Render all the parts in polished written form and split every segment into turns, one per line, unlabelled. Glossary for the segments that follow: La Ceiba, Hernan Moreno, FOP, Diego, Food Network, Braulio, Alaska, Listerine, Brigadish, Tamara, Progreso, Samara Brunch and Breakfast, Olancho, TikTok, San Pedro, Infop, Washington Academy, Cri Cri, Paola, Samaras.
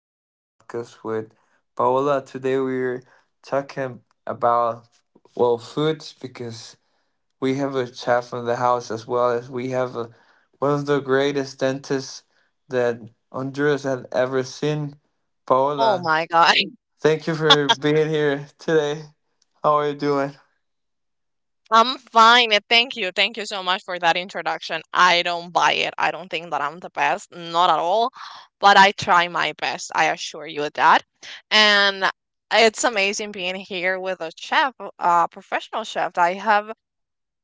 in the podcast with Paola. Today, we're talking about, foods because we have a chef in the house as well as we have one of the greatest dentists that Honduras had ever seen.
Oh
Paola,
my God.
thank you for being here today. How are you doing?
I'm fine. And Thank you. Thank you so much for that introduction. I don't buy it. I don't think that I'm the best. Not at all. But I try my best. I assure you of that. And it's amazing being here with a chef, a professional chef.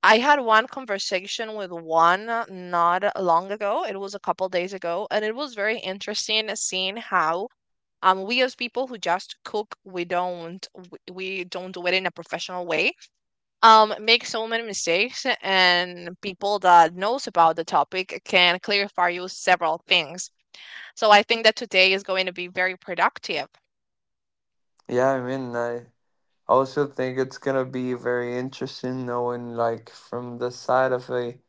I had one conversation with one not long ago. It was a couple days ago, and it was very interesting seeing how we as people who just cook, we don't do it in a professional way, make so many mistakes, and people that knows about the topic can clarify you several things. So I think that today is going to be very productive.
I also think it's gonna be very interesting knowing, like, from the side of a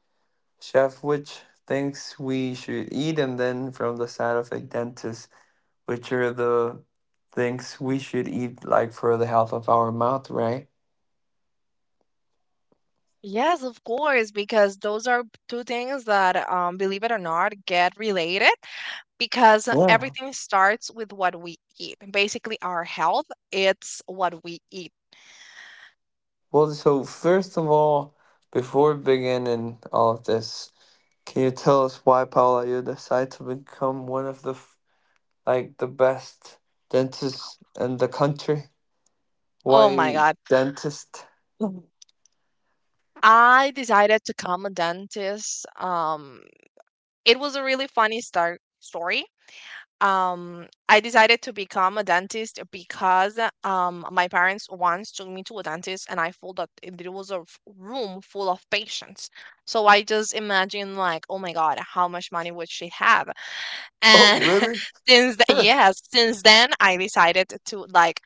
chef, which things we should eat, and then from the side of a dentist, which are the things we should eat, like for the health of our mouth, right?
Yes, of course, because those are two things that, believe it or not, get related, because
Yeah.
everything starts with what we eat. Basically our health, it's what we eat.
So first of all, before beginning all of this, can you tell us why Paula you decided to become one of like the best dentists in the country?
Oh my
Why
God.
dentist?
Mhm. I decided to come a dentist. It was a really funny start story. I decided to become a dentist because my parents once took me to a dentist, and I felt that there was a room full of patients. So I just imagine like, oh my God, how much money would she have?
Oh,
And
really?
yes, since then I decided to like,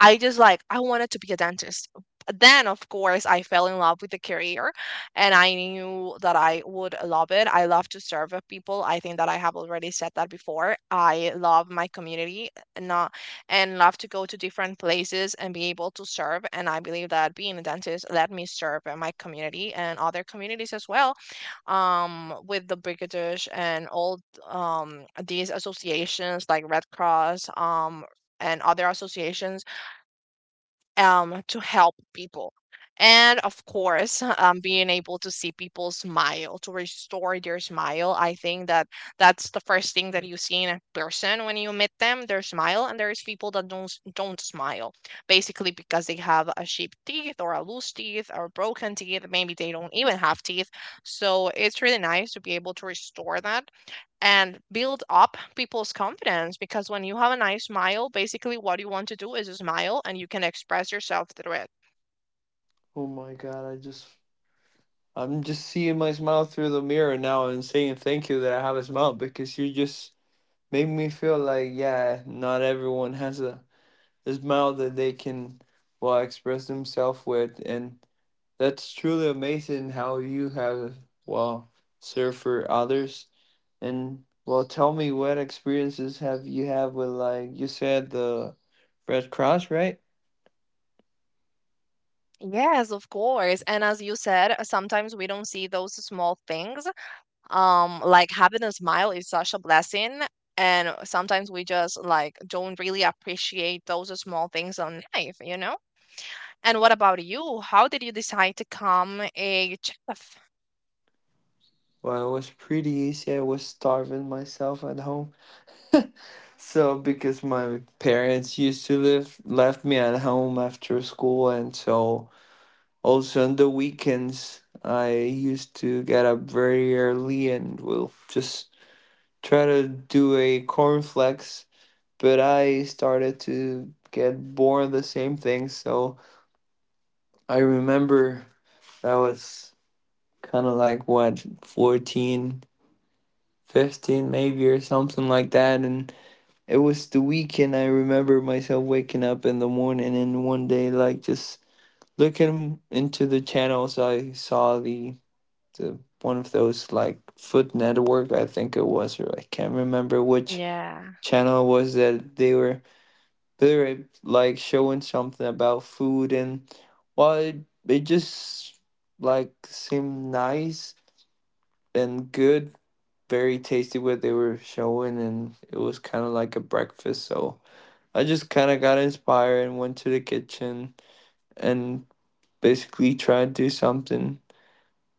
I just like, I wanted to be a dentist. But Then of course I fell in love with the career, and I knew that I would love it. I love to serve people. I think that I have already said that before. I love my community, and not, and love to go to different places and be able to serve, and I believe that being a dentist let me serve my community and other communities as well, with the Brigadish and all, these associations like Red Cross, and other associations, to help people. And of course, being able to see people smile, to restore their smile. I think that that's the first thing that you see in a person when you meet them, their smile. And there's people that don't smile, basically because they have a sheep teeth or a loose teeth or broken teeth. Maybe they don't even have teeth. So it's really nice to be able to restore that and build up people's confidence, because when you have a nice smile, basically what you want to do is smile, and you can express yourself through it.
Oh my God! I'm just seeing my smile through the mirror now and saying thank you that I have a smile because you just made me feel like, yeah, not everyone has a smile that they can, express themselves with. And that's truly amazing how you have, well, served for others. And, tell me what experiences have you had with, like, you said the Red Cross, right?
Yes, of course. And as you said, sometimes we don't see those small things. Like having a smile is such a blessing. And sometimes we just like don't really appreciate those small things in life, you know? And what about you? How did you decide to become a chef?
Well, it was pretty easy. I was starving myself at home, so because my parents used to live left me at home after school, and so also on the weekends I used to get up very early and will just try to do a cornflakes, but I started to get bored of the same thing. So I remember that was kind of like what, 14, 15, maybe, or something like that. And it was the weekend. I remember myself waking up in the morning and one day, like just looking into the channels, I saw the one of those like Food Network, I think it was, or I can't remember which
Yeah.
channel it was, that they were they were like showing something about food. And well, it just like seemed nice and good, very tasty what they were showing, and it was kind of like a breakfast. So I just kind of got inspired and went to the kitchen and basically tried to do something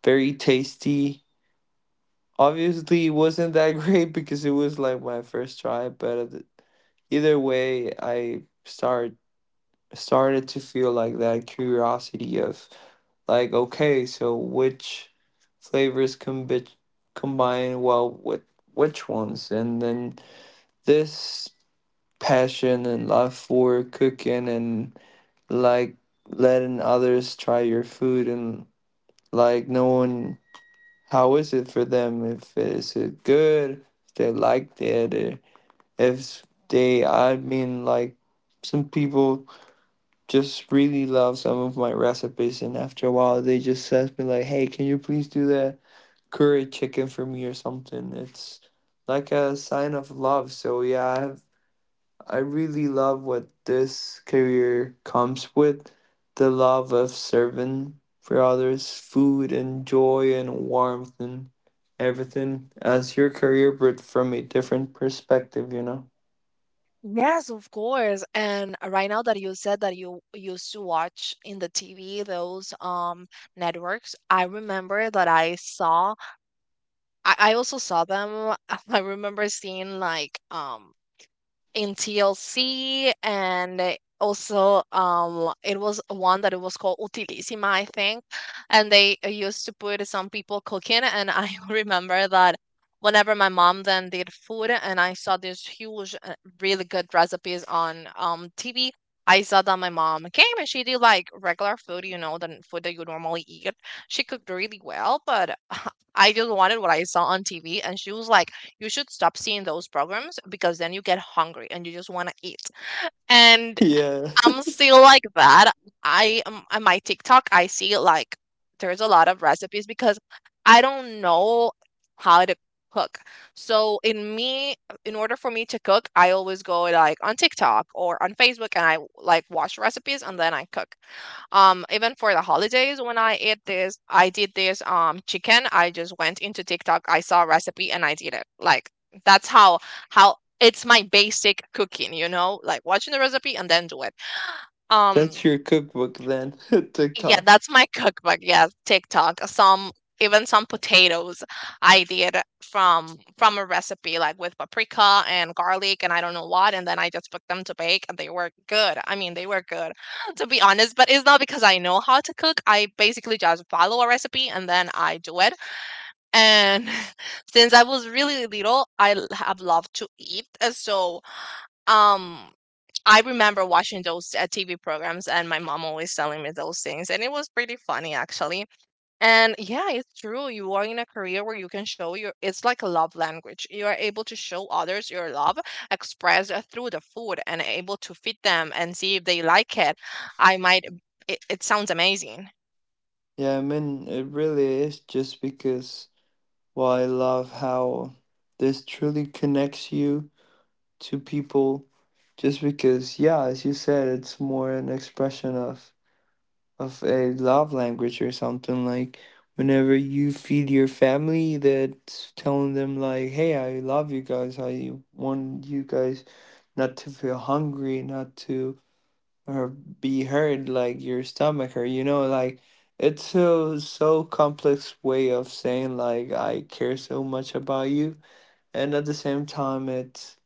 very tasty. Obviously, it wasn't that great because it was like my first try, but either way, I start started to feel like that curiosity of like, okay, so which flavors combi combine well with which ones? And then this passion and love for cooking and like letting others try your food and like knowing how is it for them, if it good, if they liked it, or if they I mean like some people just really love some of my recipes, and after a while they just ask me like, hey, can you please do that curry chicken for me or something. It's like a sign of love. So yeah, I really love what this career comes with, the love of serving for others, food and joy and warmth and everything as your career, but from a different perspective, you know?
Yes, of course. And right now that you said that you used to watch in the TV those networks, I remember in TLC, and also it was one that it was called utilissima, I think, and they used to put some people cooking, and I remember that whenever my mom then did food and I saw these huge, really good recipes on TV, I saw that my mom came and she did like regular food, you know, the food that you normally eat. She cooked really well, but I just wanted what I saw on TV, and she was like, you should stop seeing those programs because then you get hungry and you just want to eat. And
Yeah,
I'm still like that. I on my TikTok, I see like there's a lot of recipes because I don't know how to cook. So in me, in order for me to cook, I always go like on TikTok or on Facebook, and I like watch recipes and then I cook. Even for the holidays, when I ate this, I did this chicken. I just went into TikTok, I saw a recipe, and I did it. Like that's how it's my basic cooking, you know, like watching the recipe and then do it. Um,
that's your cookbook then,
yeah,
TikTok.
that's my cookbook. Yeah, TikTok. Some Even some potatoes I did from a recipe like with paprika and garlic and I don't know what, and then I just put them to bake and they were good. I mean, they were good to be honest, but it's not because I know how to cook. I basically just follow a recipe and then I do it. And since I was really little, have loved to eat. So, um, I remember watching those TV programs and my mom always telling me those things. And it was pretty funny, actually. And yeah, it's true. You are in a career where you can show your, it's like a love language. You are able to show others your love expressed through the food and able to feed them and see if they like it. I might, it sounds amazing.
Yeah, it really is, just because, well, I love how this truly connects you to people, just because, yeah, as you said, it's more an expression of a love language, or something like whenever you feed your family, that's telling them like, hey, I love you guys, I want you guys not to feel hungry, not to, or be hurt, like your stomach hurt, you know, like it's a so complex way of saying like, I care so much about you. And at the same time, it's,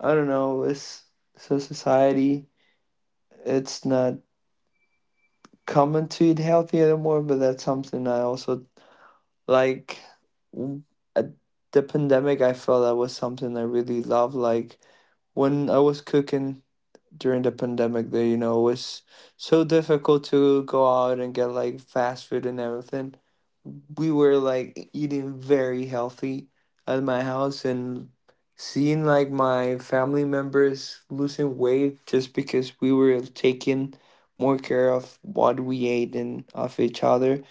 I don't know, it's so society, it's not common to eat healthy anymore. But that's something I also like, w- at the pandemic, I felt that was something I really loved. Like when I was cooking during the pandemic, that, you know, was so difficult to go out and get like fast food and everything, we were like eating very healthy at my house, and seeing like my family members losing weight just because we were taking more care of what we ate and of each other,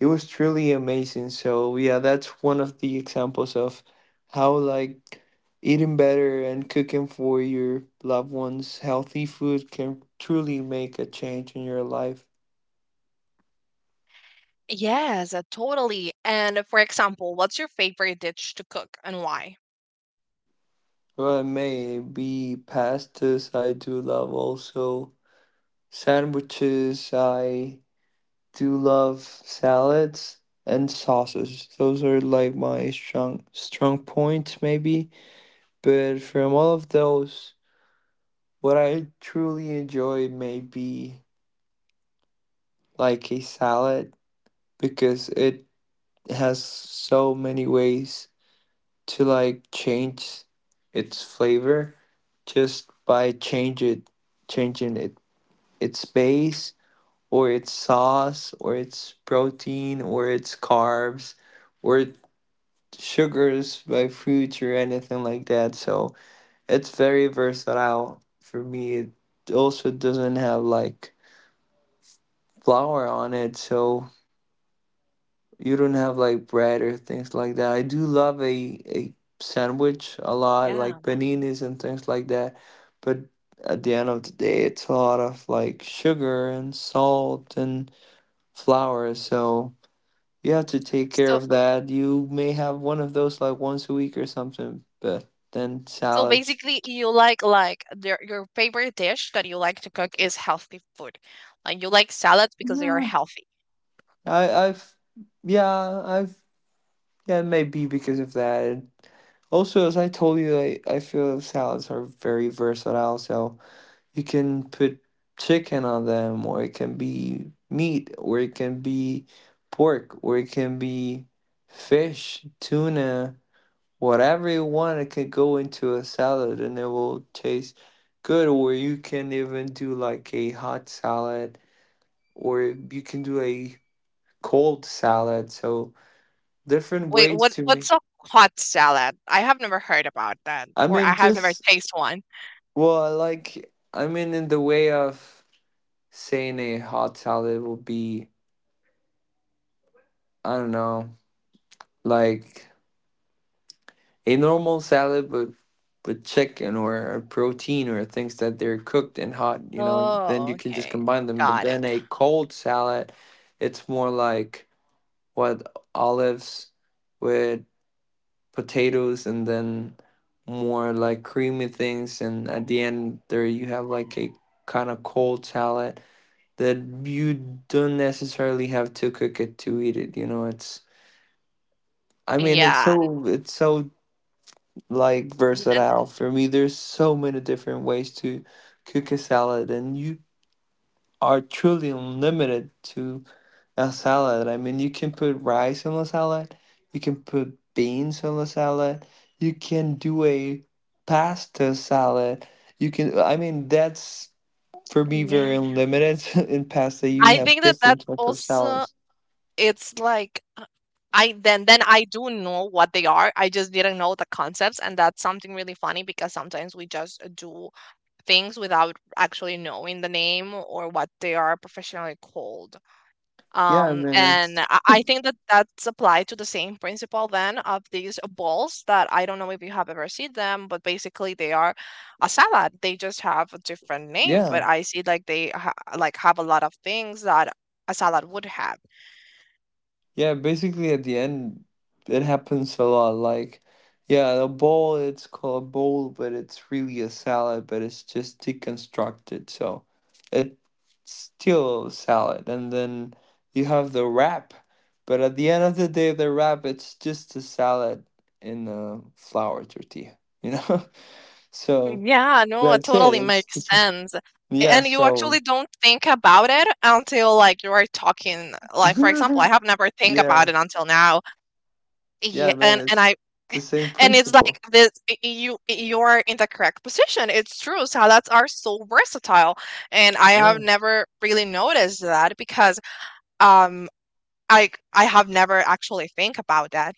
it was truly amazing. So yeah, that's one of the examples of how, like, eating better and cooking for your loved ones healthy food can truly make a change in your life.
Yes, totally. And for example, what's your favorite dish to cook and why?
Well, it may be pastas. I do love also sandwiches. I do love salads and sauces. Those are like my strong points maybe. But from all of those, what I truly enjoy may be like a salad, because it has so many ways to like change its flavor just by change it changing it, its base or its sauce or its protein or its carbs or sugars by fruits or anything like that. So it's very versatile for me. It also doesn't have like flour on it. So you don't have like bread or things like that. I do love a sandwich a lot,
Yeah.
like paninis and things like that. But at the end of the day, it's a lot of like sugar and salt and flour. So you have to take care of that. You may have one of those like once a week or something, but then
So
salads.
basically, you like their, your favorite dish that you like to cook is healthy food. Like you like salads because they are
Yeah,
healthy.
I, I've, yeah, maybe because of that. Also, as I told you, I feel salads are very versatile. So you can put chicken on them, or it can be meat, or it can be pork, or it can be fish, tuna, whatever you want. It can go into a salad and it will taste good. Or you can even do like a hot salad, or you can do a cold salad. So different
Wait,
ways
what
to make.
what's a hot salad? I have never heard about that,
I
or I
mean,
have never
just
tasted one.
well, I like. I mean, in the way of saying, a hot salad will be, I don't know, like a normal salad with chicken or a protein or things that they're cooked and hot, you know, and then you
Oh,
can just
okay,
combine them. But
got it.
then a cold salad, it's more like, what, olives with potatoes and then more like creamy things, and at the end there you have like a kind of cold salad that you don't necessarily have to cook it to eat it, you know. it's I mean, it's
Yeah,
so it's so like
n- n-
versatile for me. There's so many different ways to cook a salad, and you are truly unlimited to a salad. I mean, you can put rice on a salad, you can put beans on a salad, you can do a pasta salad. You can, that's for me very
yeah.
unlimited. In pasta, you
I
have
think that that's
different type of
also,
salads.
it's like, I then I do know what they are. I just didn't know the concepts, and that's something really funny because sometimes we just do things without actually knowing the name or what they are professionally called.
Yeah, I mean,
And
it's
I think that that's applied to the same principle then of these balls that I don't know if you have ever seen them, but basically they are a salad. They just have a different name,
yeah.
but I see like like have a lot of things that a salad would have.
Yeah, basically at the end, it happens a lot. Like, yeah, the bowl, it's called a bowl, but it's really a salad, but it's just deconstructed. So it's still a salad. And then you have the wrap, but at the end of the day, the wrap, it's just a salad in a flour tortilla, you know? So
Yeah, no, it
that's it.
totally
It's
makes
just,
sense.
yeah,
And you
so
actually don't think about it until like you are talking. Like for example, I have never think
yeah,
about it until now. Yeah,
yeah, man,
and
it's
I
the same
and it's like
principle.
this, you you're in the correct position. It's true. Salads are so versatile and I
Yeah.
have never really noticed that because um I have never actually think about that.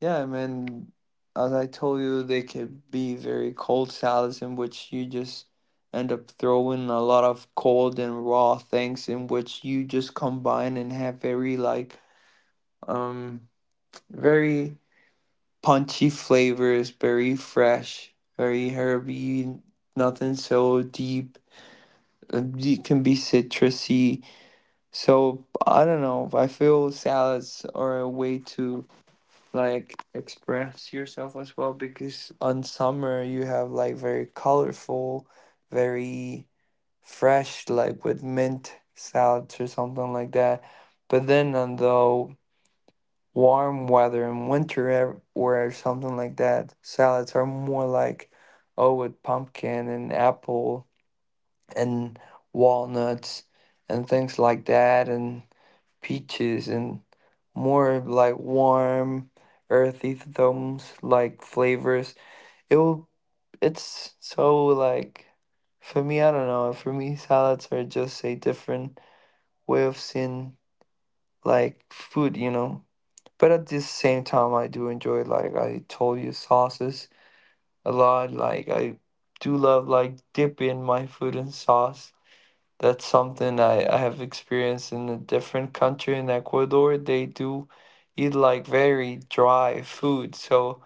Yeah, as I told you, they could be very cold salads in which you just end up throwing a lot of cold and raw things in which you just combine and have very like um very punchy flavors, very fresh, very herby, nothing so deep. It can be citrusy. So I don't know. I feel salads are a way to like express yourself as well, because on summer you have like very colorful, very fresh, like with mint salads or something like that. But then on the warm weather in winter, or something like that, salads are more like, oh, with pumpkin and apple and walnuts and things like that and peaches, and more like warm, earthy tones like flavors. It will it's so like, for me, I don't know. For me, salads are just a different way of seeing like food, you know. But at the same time, I do enjoy, like I told you, sauces a lot. Like I do love like dipping my food in sauce. That's something I have experienced in a different country. In Ecuador, they do eat like very dry food, so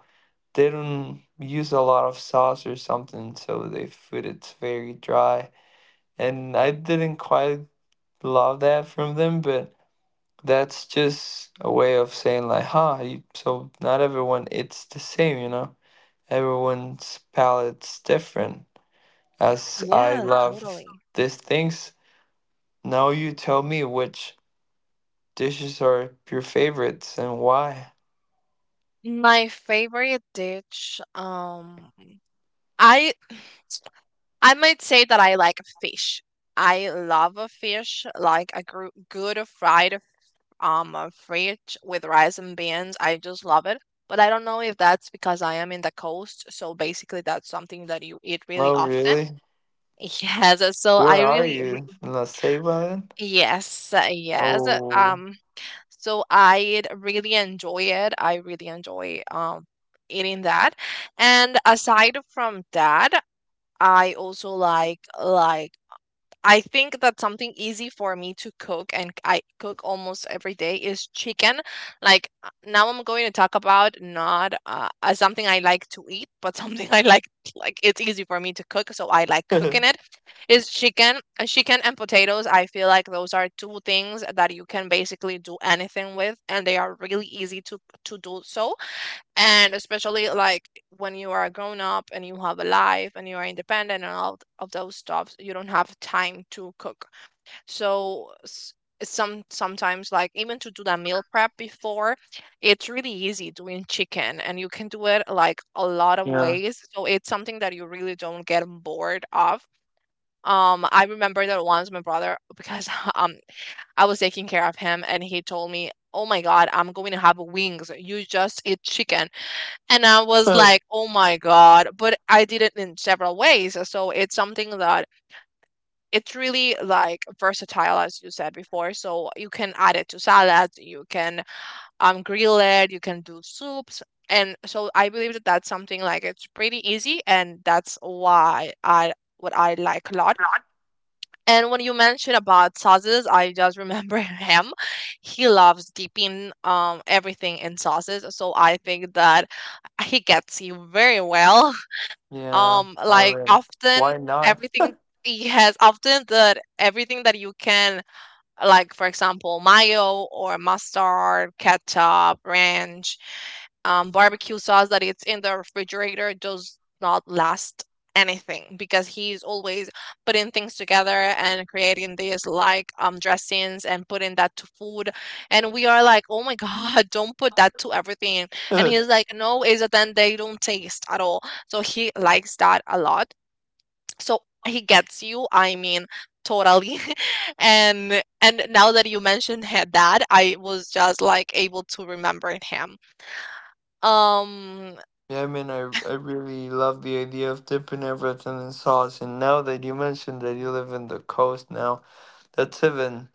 they don't use a lot of sauce or something, so they food it's very dry. And I didn't quite love that from them, but that's just a way of saying like, huh, you, so not everyone eats the same, you know? Everyone's palate's different. As I
Yeah,
love
totally.
these things, now you tell me which dishes are your favorites and why?
My favorite dish, I I might say that I like fish. I love a fish, like a good fried fish with rice and beans. I just love it. But I don't know if that's because I am in the coast, so basically that's something that you eat really
Oh,
often.
really?
Yes, so
Where are you? In the save button?
yes, yes.
Oh,
So I really enjoy it. I really enjoy eating that. And aside from that, I also like I think that something easy for me to cook and I cook almost every day is chicken. Like, now I'm going to talk about not, something I like to eat, but something I like it's easy for me to cook, so I like
yeah.
cooking it is chicken. Chicken and potatoes, I feel like those are two things that you can basically do anything with and they are really easy to do so. And especially like when you are a grown up and you have a life and you are independent and all of those stuff, you don't have time to cook. So sometimes like even to do that meal prep before, it's really easy doing chicken, and you can do it like a lot of ways, so it's something that you really don't get bored of. I remember that once my brother, because um I was taking care of him, and he told me, oh my God, I'm going to have wings, you just eat chicken. And I was like, oh my God. But I did it in several ways. So it's something that it's really like versatile, as you said before. So you can add it to salads, you can grill it, you can do soups. And so I believe that that's something like it's pretty easy. And that's why I what I like a lot. And when you mention about sauces, I just remember him. He loves dipping everything in sauces, so I think that he gets you very well.
yeah,
Like often
why not?
everything he has often that everything that you can, like for example mayo or mustard, ketchup, ranch, barbecue sauce that it's in the refrigerator does not last anything because he's always putting things together and creating these like dressings and putting that to food. And we are like, oh my god, don't put that to everything. And
yeah,
he's like, no, is that then they don't taste at all. So he likes that a lot. So he gets you, I mean, totally. And now that you mentioned that I was just like able to remember him. um
I really love the idea of dipping everything in sauce. And now that you mentioned that you live in the coast now, that's even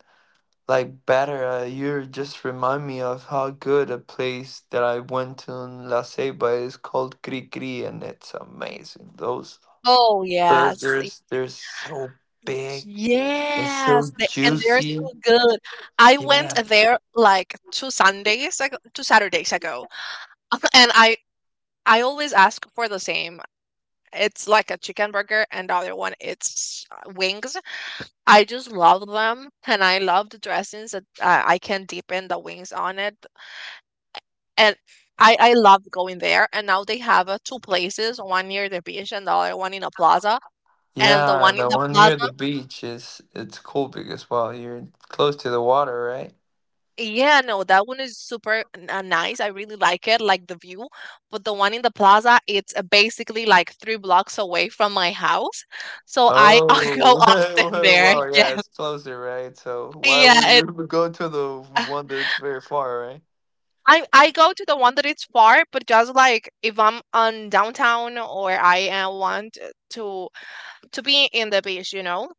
like better. You just remind me of how good a place that I went to in La Ceiba is called Cri Cri, and it's amazing. Those
oh yes.
burgers. They're so big and
Yes,
so
they, and they're
juicy.
so good. I went
Yeah.
there like two Sundays ago, two Saturdays ago. And I always ask for the same. It's like a chicken burger, and the other one it's wings. I just love them, and I love the dressings that I can deepen the wings on it. And I love going there. And now they have two places, one near the beach and the other one in a plaza. And the
Yeah,
one in
the
the
one near
plaza,
the beach is it's cool because well, you're close to the water, right?
yeah, no, that one is super nice. I really like it, like the view. But the one in the plaza, it's basically like three blocks away from my house, so I go
Oh,
often there.
well,
Yeah,
yeah, it's closer, right? So why would
yeah, it.
you go to the
uh,
one that's very far, right?
I go to the one that is far, but just like if I'm on downtown or I want to to be in the beach, you know.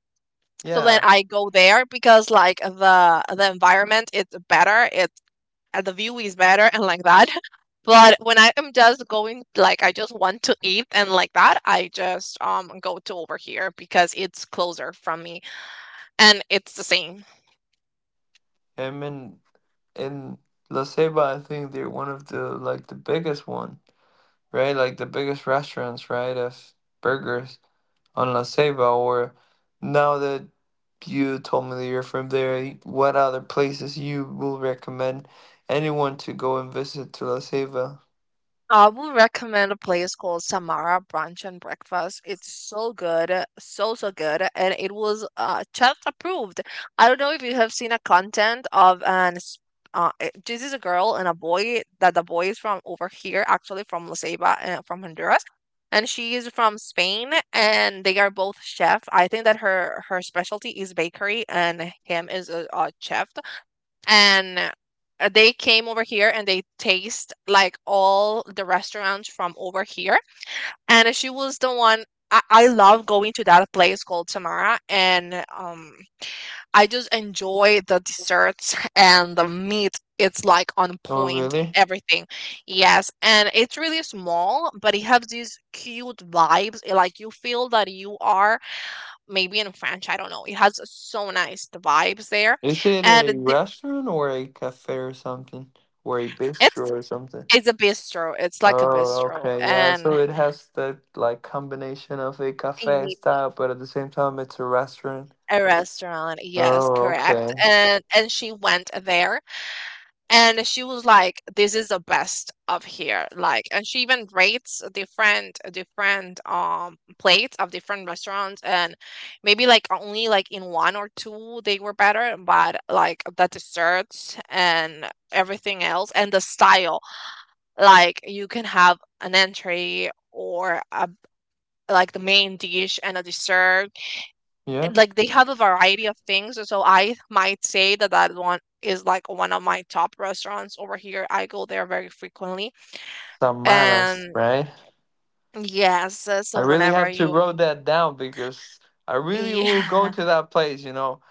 So then
Yeah,
I go there because like the environment is better, it's the view is better and like that. But when I am just going, like I just want to eat and like that, I just go to over here because it's closer from me and it's the same.
I mean, in La Ceiba, I think they're one of the, like, the biggest one, right? Like the biggest restaurants, right, of burgers on La Ceiba. Or now that you told me that you're from there, what other places you will recommend anyone to go and visit to La Ceiba?
I will recommend a place called Samara Brunch and Breakfast. It's so good, so good, and it was chat approved. I don't know if you have seen a content of this is a girl and a boy that the boy is from over here, actually from La Ceiba, from Honduras, and she is from Spain, and they are both chef. I think that her specialty is bakery, and him is a chef, and they came over here and they taste like all the restaurants from over here. And she was the one. I love going to that place called Tamara, and I just enjoy the desserts and the meat. It's like on
Oh,
point
really?
everything. Yes, and it's really small, but it has these cute vibes. It, like you feel that you are maybe in French, I don't know, it has so nice the vibes there.
Is it
And
a
th-
restaurant or a cafe or something, or a bistro
it's
or something?
it's a bistro, it's like a
Oh,
bistro
okay, yeah. So
and
it has the like combination of a cafe
a
style, but at the same time it's a restaurant.
a restaurant, yes,
Oh,
correct,
okay.
and she went there, and she was like, "This is the best of here," like, and she even rates different plates of different restaurants, and maybe, like, only, like, in 1 or 2 they were better, but, like, the desserts and everything else and the style, like, you can have an entree or a like the main dish and a dessert.
Yeah.
And, like, they have a variety of things. So I might say that that one is like one of my top restaurants over here. I go there very frequently.
Samaras,
And
right?
yes,
I
so
really
whenever
have to
you,
wrote that down because I really will go
yeah,
to that place.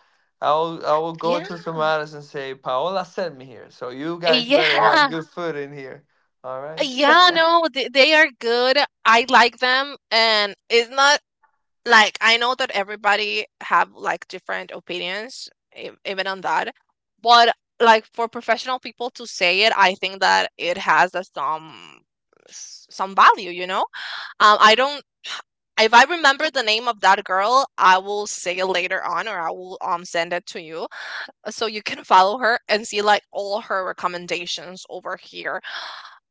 I will go
yeah,
to Samara's and say, Paola sent me here, so you guys better have
yeah,
good food in here. All right.
yeah, no, they are good. I like them. And it's not. Like, I know that everybody have, like, different opinions e even on that, but, like, for professional people to say it, I think that it has a some s some value, you know? I don't. If I remember the name of that girl, I will say it later on, or I will, send it to you, so you can follow her and see, like, all her recommendations over here.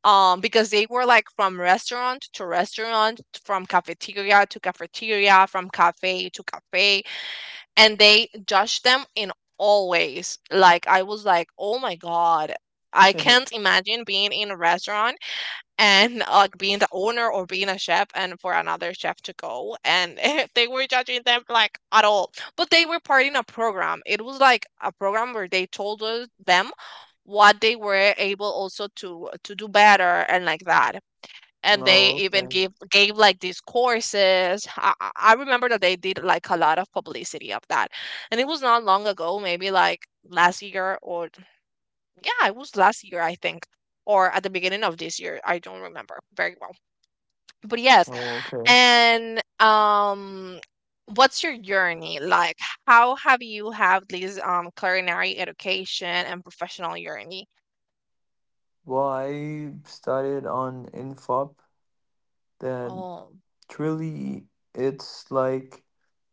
Because they were like from restaurant to restaurant, from cafeteria to cafeteria, from cafe to cafe, and they judged them in all ways. Like I was like, oh my god, I can't imagine being in a restaurant and like being the owner or being a chef and for another chef to go and they were judging them like at all. But they were part in a program. It was like a program where they told them what they were able also to do better and like that. And they
Oh,
even
okay.
gave like these courses. I remember that they did like a lot of publicity of that, and it was not long ago, maybe like last year or yeah, it was last year, I think, or at the beginning of this year. I don't remember very well. But yes,
Oh, okay.
and what's your journey like? How have you have this culinary education and professional journey?
Well, I started on Infop, that
Oh,
truly it's like,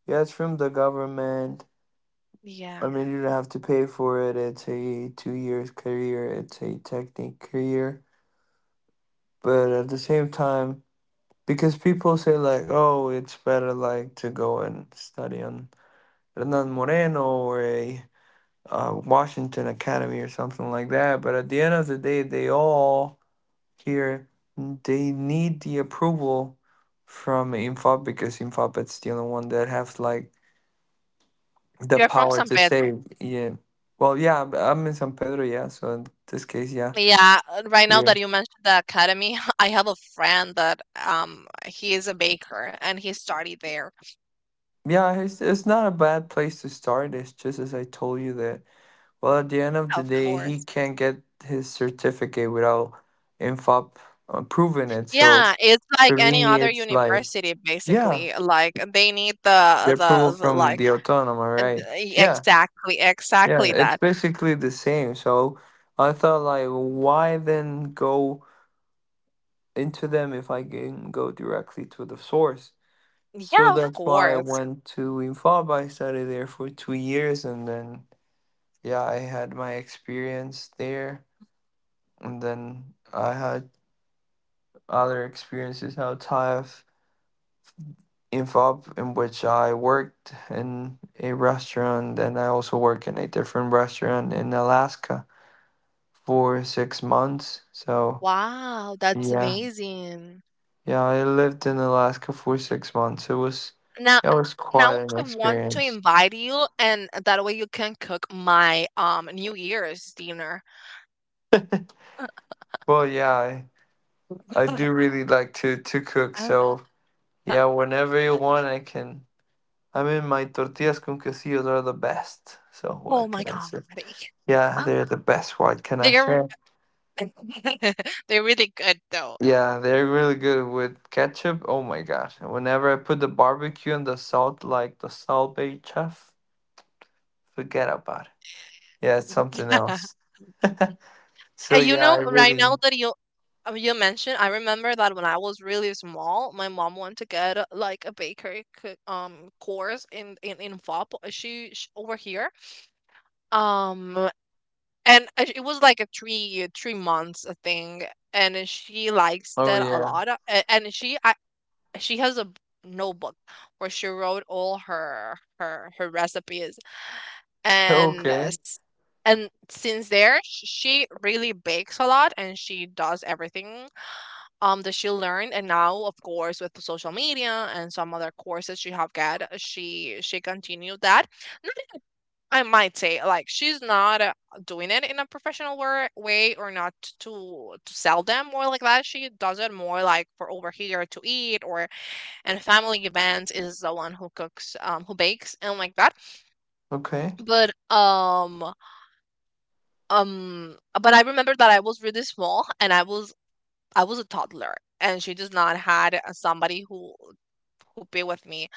yeah, it's from the government. I
yeah.
mean, you don't have to pay for it. It's a 2 years career, it's a technique career. But at the same time, because people say like, oh, it's better like to go and study on Hernan Moreno or a Washington Academy or something like that. But at the end of the day, they all here, they need the approval from Infop, because Infop is the only one that has like the
You're from
power
San
to
Pedro?
say, yeah. Well, yeah, I'm am in San Pedro, yeah. So in this case, yeah,
Yeah, right now
yeah,
that you mentioned the academy, I have a friend that he is a baker and he studied there,
yeah. It's not a bad place to start. It's just as I told you that. Well, at the end of the
of
day, he
course.
can't get his certificate without INFOP proving it. So
Yeah, it's like
for
any
me,
other
it's like,
university
yeah,
basically. Like they need
the
the
approval
the, the
from
like
the autonoma, right? Yeah,
exactly
yeah,
exactly
it's
that.
basically the same. So I thought, like, why then go into them if I can go directly to the source? So
Yeah, of
that's why I
course.
went to INFOP. I studied there for 2 years, and then, yeah, I had my experience there, and then I had other experiences outside of InfoUp, in which I worked in a restaurant, and I also work in a different restaurant in Alaska for 6 months. So
Wow, that's
yeah,
amazing.
yeah, I lived in Alaska for 6 months. It was
Now
That
n-
was quite
now
an
I want to
experience.
invite you and that way you can cook my New Year's dinner.
Well, yeah, I do really like to cook. So yeah, whenever you want, I can. I mean, my tortillas con quesillos are the best. So
Oh
what
my
can I
God.
say? Yeah, they're the best. What can I
They're
say?
they're really good though.
Yeah, yeah, they're really good with ketchup. Oh my gosh. And whenever I put the barbecue and the salt, like the salt bay chef, forget about it. Yeah, it's something else. So
And you
yeah, I
know, right
really.
now that you mentioned, I remember that when I was really small, my mom wanted to get like a bakery course in FOP. She, sh over here, um, and it was like a three three months thing, and she likes
Oh
that a
yeah.
lot. A- And she I She has a notebook where she wrote all her recipes and uh,
Okay.
s- and since there she really bakes a lot and she does everything that she learned. And now of course with the social media and some other courses she have got she continued that. Not in a- I might say like she's not doing it in a professional way, or not to sell them, or like that she does it more like for over here to eat, or and family events is the one who cooks, who bakes and like that.
Okay.
But but I remember that I was really small and I was a toddler, and she just not had somebody who be with me.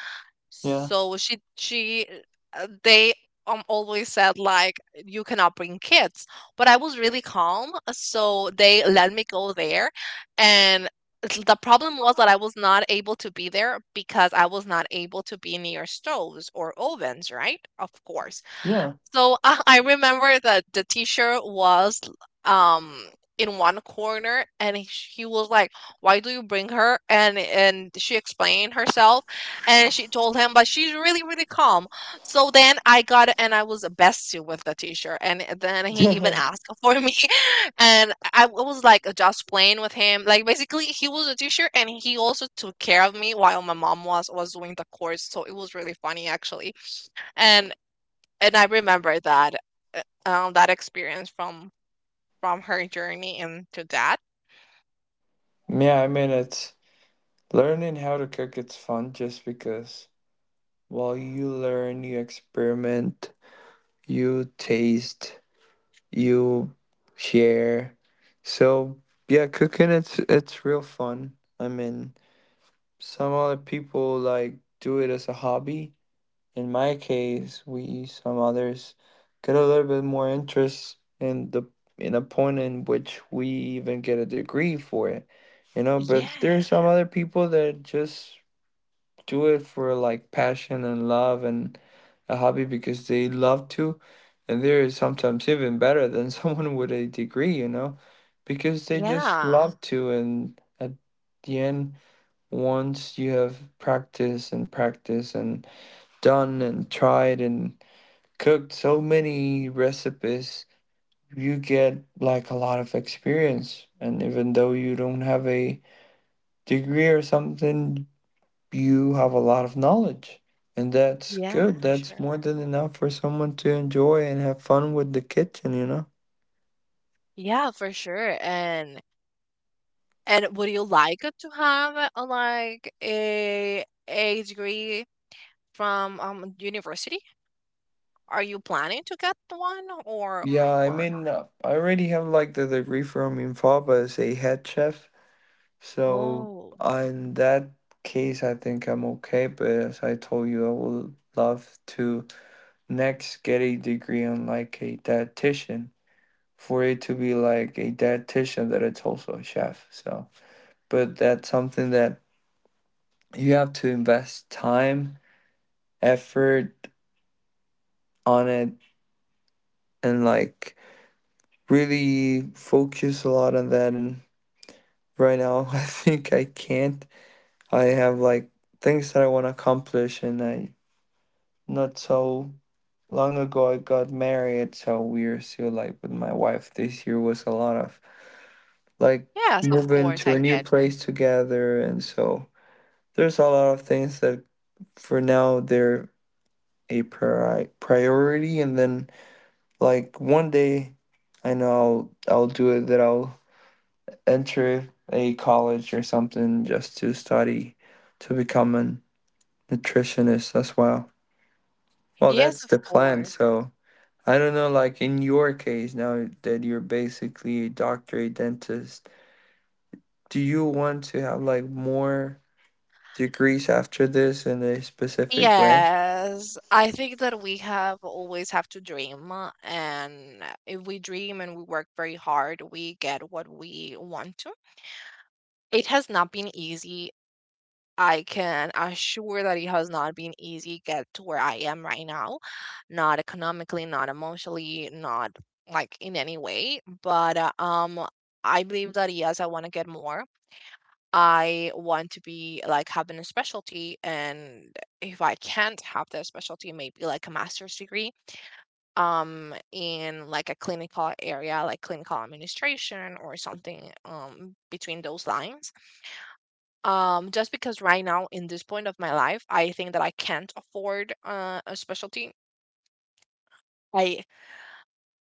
Yeah.
So she they always said like, you cannot bring kids, but I was really calm, so they let me go there, and the problem was that I was not able to be there because I was not able to be near stoves or ovens, right? Of course.
Yeah.
So I remember that the teacher was um in one corner and he was like, "Why do you bring her?" And she explained herself, and she told him, but she's really really calm. So then I got it and I was bestie with the teacher, and then he even
Yeah,
asked for me. And I was like just playing with him. Like basically he was a teacher and he also took care of me while my mom was doing the course. So it was really funny actually. And and I remember that, that experience from her journey into that.
I mean, it's learning how to cook. It's fun just because while you learn, you experiment, you taste, you share. So yeah, cooking it's real fun. I mean, some other people like do it as a hobby. In my case, we some others get a little bit more interest in a point in which we even get a degree for it. You know, but there's
Yeah.
some other people that just do it for like passion and love and a hobby because they love to, and they're sometimes even better than someone with a degree because they just
Yeah.
love to. And at the end, once you have practiced and practiced and done and tried and cooked so many recipes, you get like a lot of experience. And even though you don't have a degree or something, you have a lot of knowledge, and that's
Yeah,
good.
for
That's
sure.
more than enough for someone to enjoy and have fun with the kitchen.
Yeah, for sure. And would you like to have like a degree from university? Are you planning to get one
Yeah, I
or...
mean, I already have like the degree from infaba as a head chef. So
Oh.
in that case, I think I'm okay. But as I told you, I would love to next get a degree on like a dietitian, for it to be like a dietitian that it's also a chef. So but that's something that you have to invest time, effort on it, and like really focus a lot on that. And right now, I think I can't. I have like things that I want to accomplish, and I, not so long ago, I got married. So we're still like with my wife. This year was a lot of like
Yes, of
moving
course,
to
I
a new
get you.
place together, and so there's a lot of things that for now they're a priority, and then, like, one day, I know I'll do it, that I'll enter a college or something just to study to become a nutritionist as well. Well,
Yes,
that's
of
the plan.
course.
So I don't know, like in your case, now that you're basically a doctor, a dentist, do you want to have like more degrees after this in a specific way?
Yes, I think that we have always have to dream, and if we dream and we work very hard, we get what we want to. It has not been easy. I can assure that it has not been easy get to where I am right now, not economically, not emotionally, not like in any way. But I believe that yes, I want to get more. I want to be like having a specialty, and if I can't have that specialty, maybe like a master's degree in like a clinical area, like clinical administration or something between those lines. Just because right now in this point of my life I think that I can't afford a specialty. i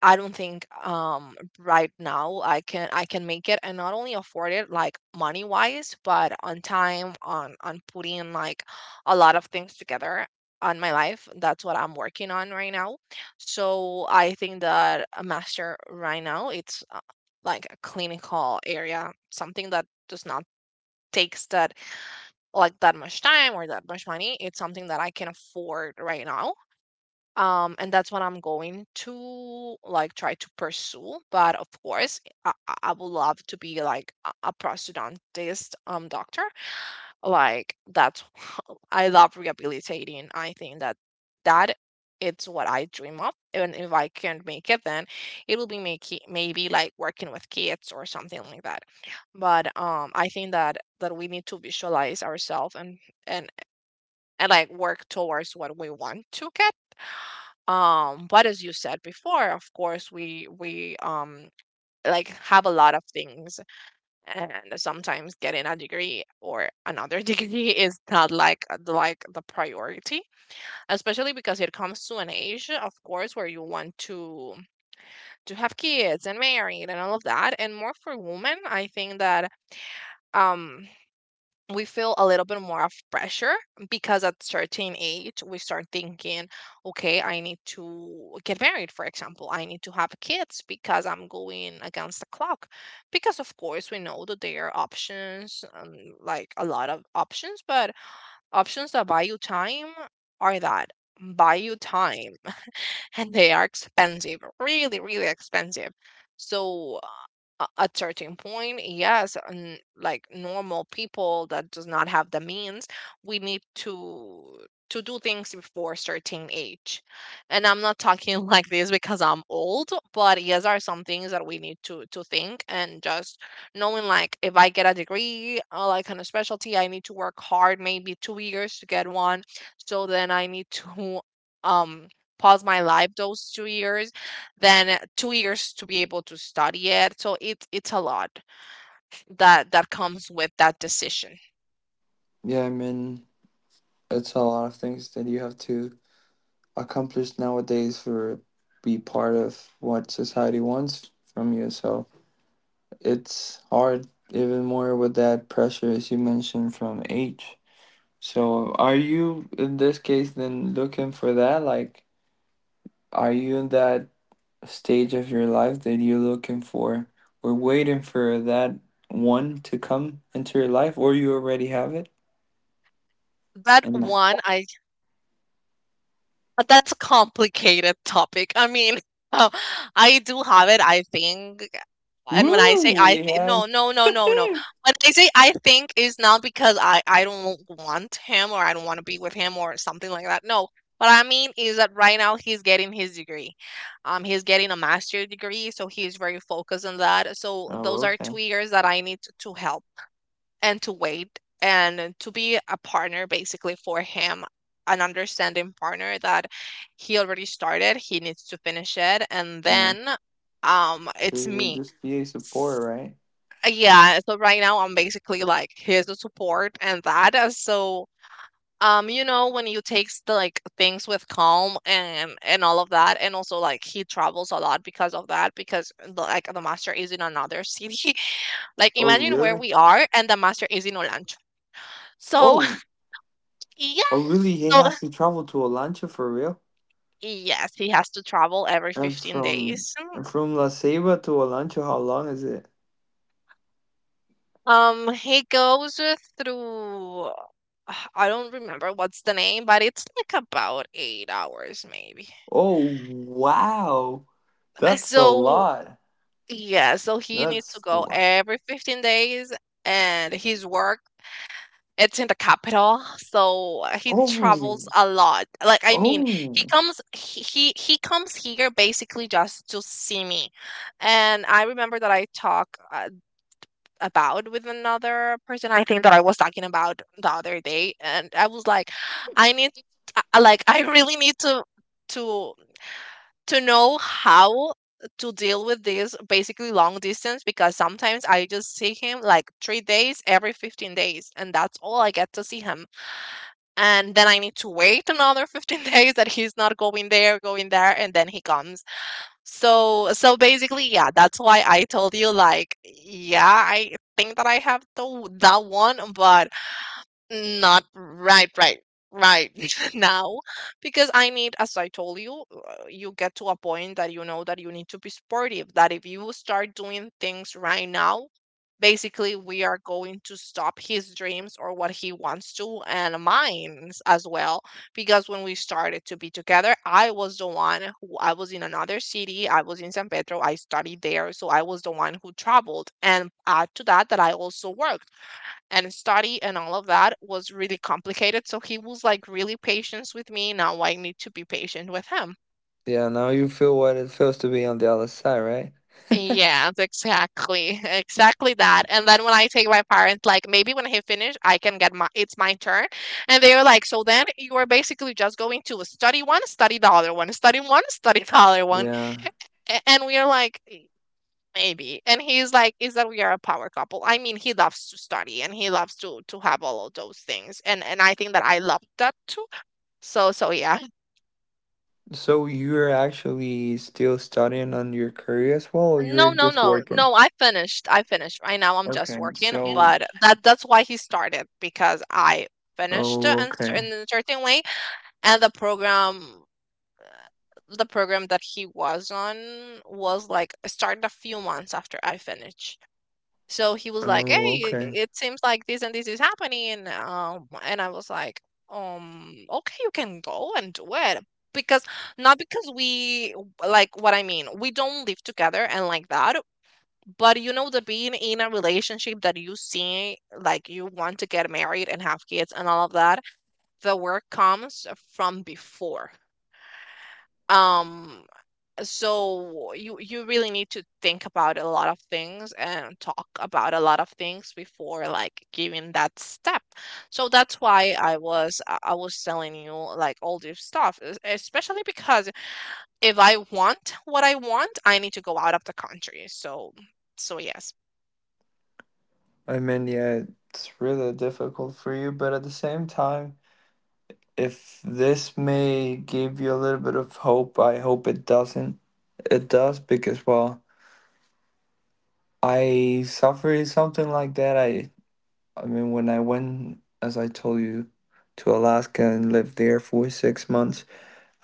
I don't think right now I can make it, and not only afford it like money wise, but on time, on putting like a lot of things together on my life. That's what I'm working on right now. So I think that a master right now it's like a clinical area, something that does not takes that like that much time or that much money. It's something that I can afford right now, and that's what I'm going to, like, try to pursue. But of course, I would love to be like a prosthodontist doctor. Like, that's I love rehabilitating. I think that that it's what I dream of, and if I can't make it, then it will be making maybe like working with kids or something like that. But I think that we need to visualize ourselves and and like work towards what we want to get. But as you said before, of course we like have a lot of things, and sometimes getting a degree or another degree is not like the priority, especially because it comes to an age, of course, where you want to have kids and married and all of that. And more for women, I think that um we feel a little bit more of pressure because at certain age we start thinking, okay, I need to get married, for example, I need to have kids because I'm going against the clock. Because of course we know that there are options, like a lot of options, but options that buy you time are that buy you time, and they are expensive, really, really expensive. So at certain point, yes, and like normal people that does not have the means, we need to do things before a certain age. And I'm not talking like this because I'm old, but yes, are some things that we need to think and just knowing, like, if I get a degree, like on a specialty, I need to work hard maybe 2 years to get one. So then I need to um pause my life those 2 years, then 2 years to be able to study it. So it's a lot that comes with that decision.
Yeah, I mean, it's a lot of things that you have to accomplished nowadays for be part of what society wants from you. So it's hard even more with that pressure as you mentioned from age. So are you in this case then looking for that? Like, are you in that stage of your life that you're looking for or waiting for that one to come into your life, or you already have it?
That
And like,
one, I. But that's a complicated topic. I mean, oh, I do have it, I think. And when
woo,
I say
we have.
no, no, no, no, no. When I say I think is not because I don't want him or I don't want to be with him or something like that. No. What I mean is that right now he's getting his degree. He's getting a master's degree, so he's very focused on that. So
Oh,
those are
okay.
2 years that I need to help and to wait and to be a partner basically for him, an understanding partner. That he already started, he needs to finish it, and
Yeah.
then it's
You're
me.
just be a support,
S-
right?
yeah, so right now I'm basically like here's the support and that, so you know, when you take like things with calm and all of that. And also like he travels a lot because of that, because the, like the master is in another city. Like,
Oh,
imagine where
really?
we are and the master is in Olancho. So
Oh, oh, really?
yes.
He
So
has to travel to Olancho for real?
yes, he has to travel every
And
15
from
days.
La Ceiba to Olancho, how long is it?
He goes through I don't remember what's the name, but it's like about 8 hours maybe.
Oh, wow. That's a
So
lot.
yeah, so he needs to
That's
go
like
every 15 days, and his work it's in the capital. So he
oh,
travels a lot, like, I mean, he
oh.
comes, he comes here basically just to see me. And I remember that I talk, about with another person. I think that I was talking about the other day, and I was like, I need, like, I really need to to know how to deal with this, basically long distance, because sometimes I just see him like 3 days every 15 days, and that's all I get to see him. And then I need to wait another 15 days that he's not going there, and then he comes. So so basically, yeah, that's why I told you, like, yeah, I think that I have the that one, but not right now, because I need, as I told you, you get to a point that you know that you need to be sportive. That if you start doing things right now, basically we are going to stop his dreams or what he wants to, and mine as well. Because when we started to be together, I was the one who I was in another city. I was in San Pedro. I studied there, so I was the one who traveled, and add to that that I also worked and study and all of that was really complicated. So he was like really patient with me. Now I need to be patient with him.
Yeah, now you feel what it feels to be on the other side, right?
Yes, exactly. Exactly that. And then when I take my parents, like maybe when he finished, I can get my, it's my turn. And they are like, so then you are basically just going to study one, study the other one, study one, study the other one.
Yeah.
And we are like, "Mm, maybe." And he's like, is that we are a power couple. I mean, he loves to study and he loves to have all of those things. And I think that I love that too. So so yeah.
So you're actually still studying on your career as well, or you're
No, no,
just
no.
working?
No, I finished. I finished. Right now I'm just
Okay,
working,
so
but that's why he started, because I finished
oh,
in, in
okay.
a certain way. And the program, that he was on was like started a few months after I finished. So he was like, "Hey,
Oh, okay.
it seems like this and this is happening." And I was like, okay, you can go and do it." Because not because we, like, what I mean, we don't live together and like that, but, you know, the being in a relationship that you see, like you want to get married and have kids and all of that, the work comes from before. Um, so you really need to think about a lot of things and talk about a lot of things before, like, giving that step. So that's why I was telling you, like, all this stuff, especially because if I want what I want, I need to go out of the country. So so yes.
I mean, yeah, it's really difficult for you, but at the same time, if this may give you a little bit of hope, I hope it doesn't. It does because, well, I suffered something like that. I mean, when I went, as I told you, to Alaska and lived there for 6 months,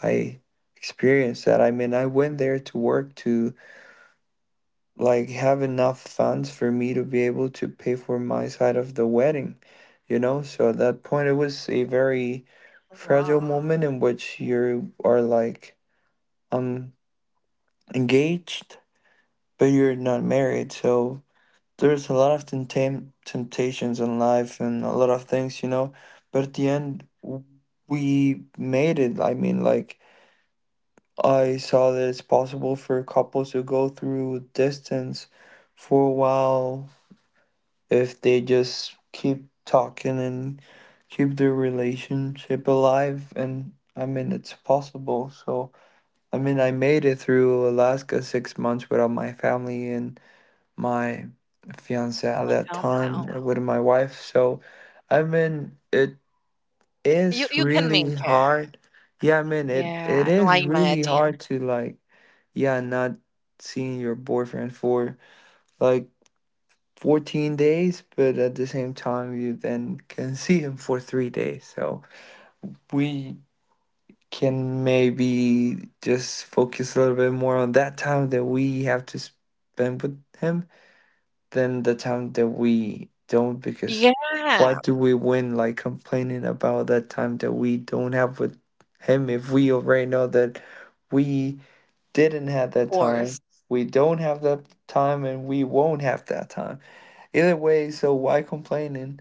I experienced that. I mean, I went there to work to like have enough funds for me to be able to pay for my side of the wedding. So at that point, it was a very fragile moment in which you are like um engaged, but you're not married. So there's a lot of temptations in life and a lot of things. But at the end, we made it. I mean, like, I saw that it's possible for couples to go through distance for a while if they just keep talking and keep their relationship alive. And I mean, it's possible. So I mean, I made it through Alaska 6 months without my family and my fiance at
I
that
found
time,
out.
with my wife. So I mean, it
you
is
you can
really
make it.
hard. Yeah, I mean, it
Yeah, no, I
is really
imagine.
hard to like, yeah, not seeing your boyfriend for like 14 days, but at the same time, you then can see him for 3 days. So we can maybe just focus a little bit more on that time that we have to spend with him than the time that we don't,
Yeah,
because
of
what do we win like complaining about that time that we don't have with him if we already know that we didn't have that
course.
time, we don't have that time, and we won't have that time? Either way, so why complaining?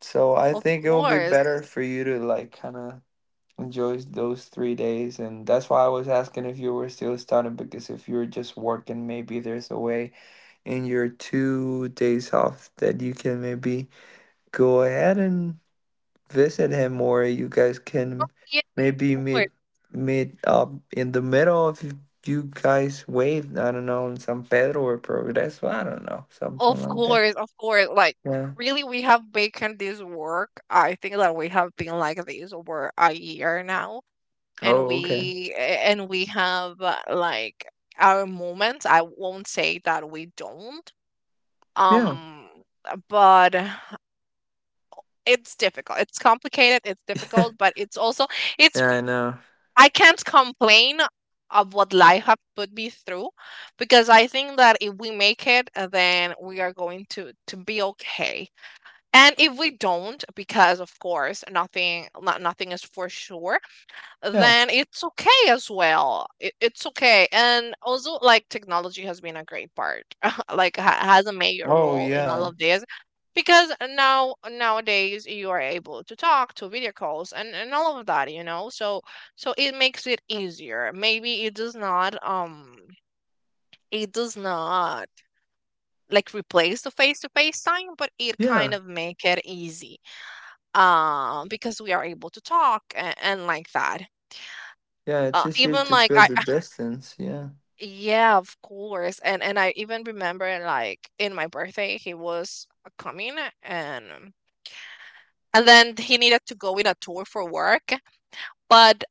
So I
Of
think it will be
course.
better for you to like kind of enjoy those 3 days, and that's why I was asking if you were still studying, because if you're just working, maybe there's a way in your 2 days off that you can maybe go ahead and visit him, or you guys can
Yeah,
maybe
of
meet
course.
meet up in the middle if you guys wave. I don't know, in San Pedro or Progreso. I don't know, something
Of
like that.
course, of course. Like,
Yeah.
really, we have making this work. I think that we have been like this over a year now, and
Oh, okay.
and we have, like, our moments. I won't say that we don't.
Yeah.
Um, but it's difficult. It's complicated. It's
Yeah,
difficult, but it's also it's.
I know.
I can't complain of what life have put me through, because I think that if we make it, then we are going to be okay. And if we don't, because of course nothing, nothing is for sure,
Yeah.
then it's okay as well. It's okay. And also like technology has been a great part. Like, has a major
Oh
role in all
yeah,
of this, because now nowadays you are able to talk to video calls and, all of that, you know. So so it makes it easier. Maybe it does not like replace the face to face time, but it kind
yeah,
of make it easy, because we are able to talk and, like that.
yeah. It is easier
Even
to
like
feel the distance. Yeah,
yeah, of course. And I even remember, like, in my birthday he was coming, and then he needed to go in a tour for work, but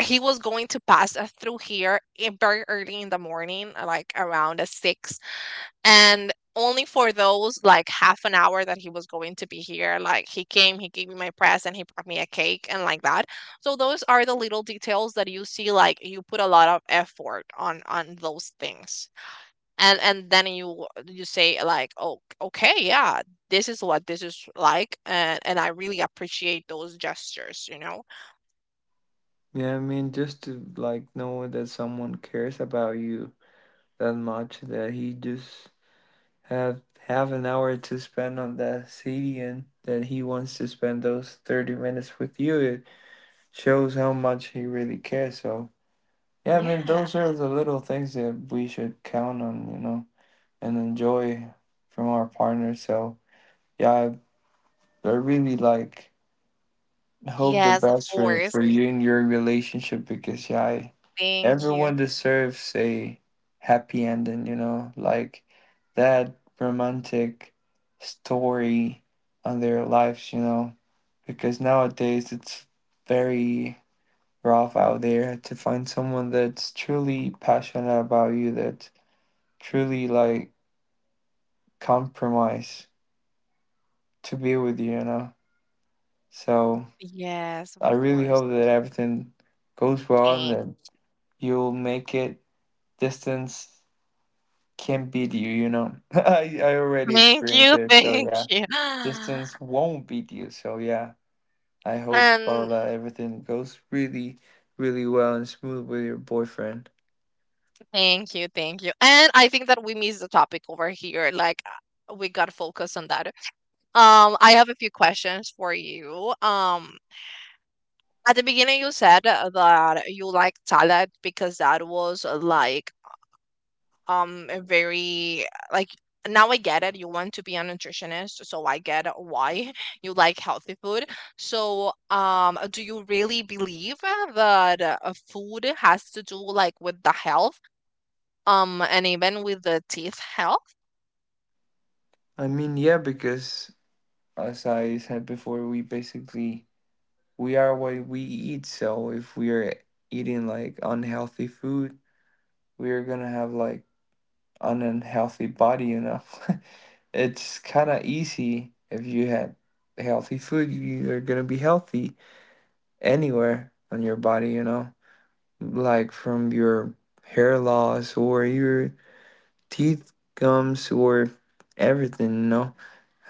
he was going to pass us through here in very early in the morning, like around a six, and only for those like half an hour that he was going to be here, like, he came, he gave me my present, he brought me a cake and like that. So those are the little details that you see, like you put a lot of effort on those things, and then you say, like, oh, okay, yeah, this is what this is like, and I really appreciate those gestures, you know.
yeah. I mean, just to like know that someone cares about you that much that he just have half an hour to spend on that city and that he wants to spend those 30 minutes with you. It shows how much he really cares. So yeah, I mean,
Yeah.
those are the little things that we should count on, you know, and enjoy from our partner. So yeah, I really like. I hope the
Yes, of
best for
course.
you and your relationship because yeah, I,
Thank you.
everyone deserves a happy ending. You know, like that romantic story on their lives. You know, because nowadays it's very rough out there to find someone that's truly passionate about you, that truly like compromise to be with you. You know, so
Yes, of
I really
course.
hope that everything goes well and
Thank.
that you'll make it. Distance can't beat you, you know. I already
Thank
experienced
you,
it, so
thank
yeah.
you.
Distance won't beat you, so yeah. I hope,
And
Barla, everything goes really, really well and smooth with your boyfriend.
thank you, thank you. And I think that we missed the topic over here. Like, we got focused on that. I have a few questions for you. At the beginning you said, that you like salad because that was, like a very like, now I get it. You want to be a nutritionist, so I get why you like healthy food. So, do you really believe that, food has to do like with the health, and even with the teeth health?
I mean, yeah, because as I said before, we basically we are what we eat, so if we are eating like unhealthy food, we are gonna have like an unhealthy body, you know. It's kind of easy if you have healthy food, you're gonna be healthy anywhere on your body, you know, like from your hair loss or your teeth, gums, or everything, you know.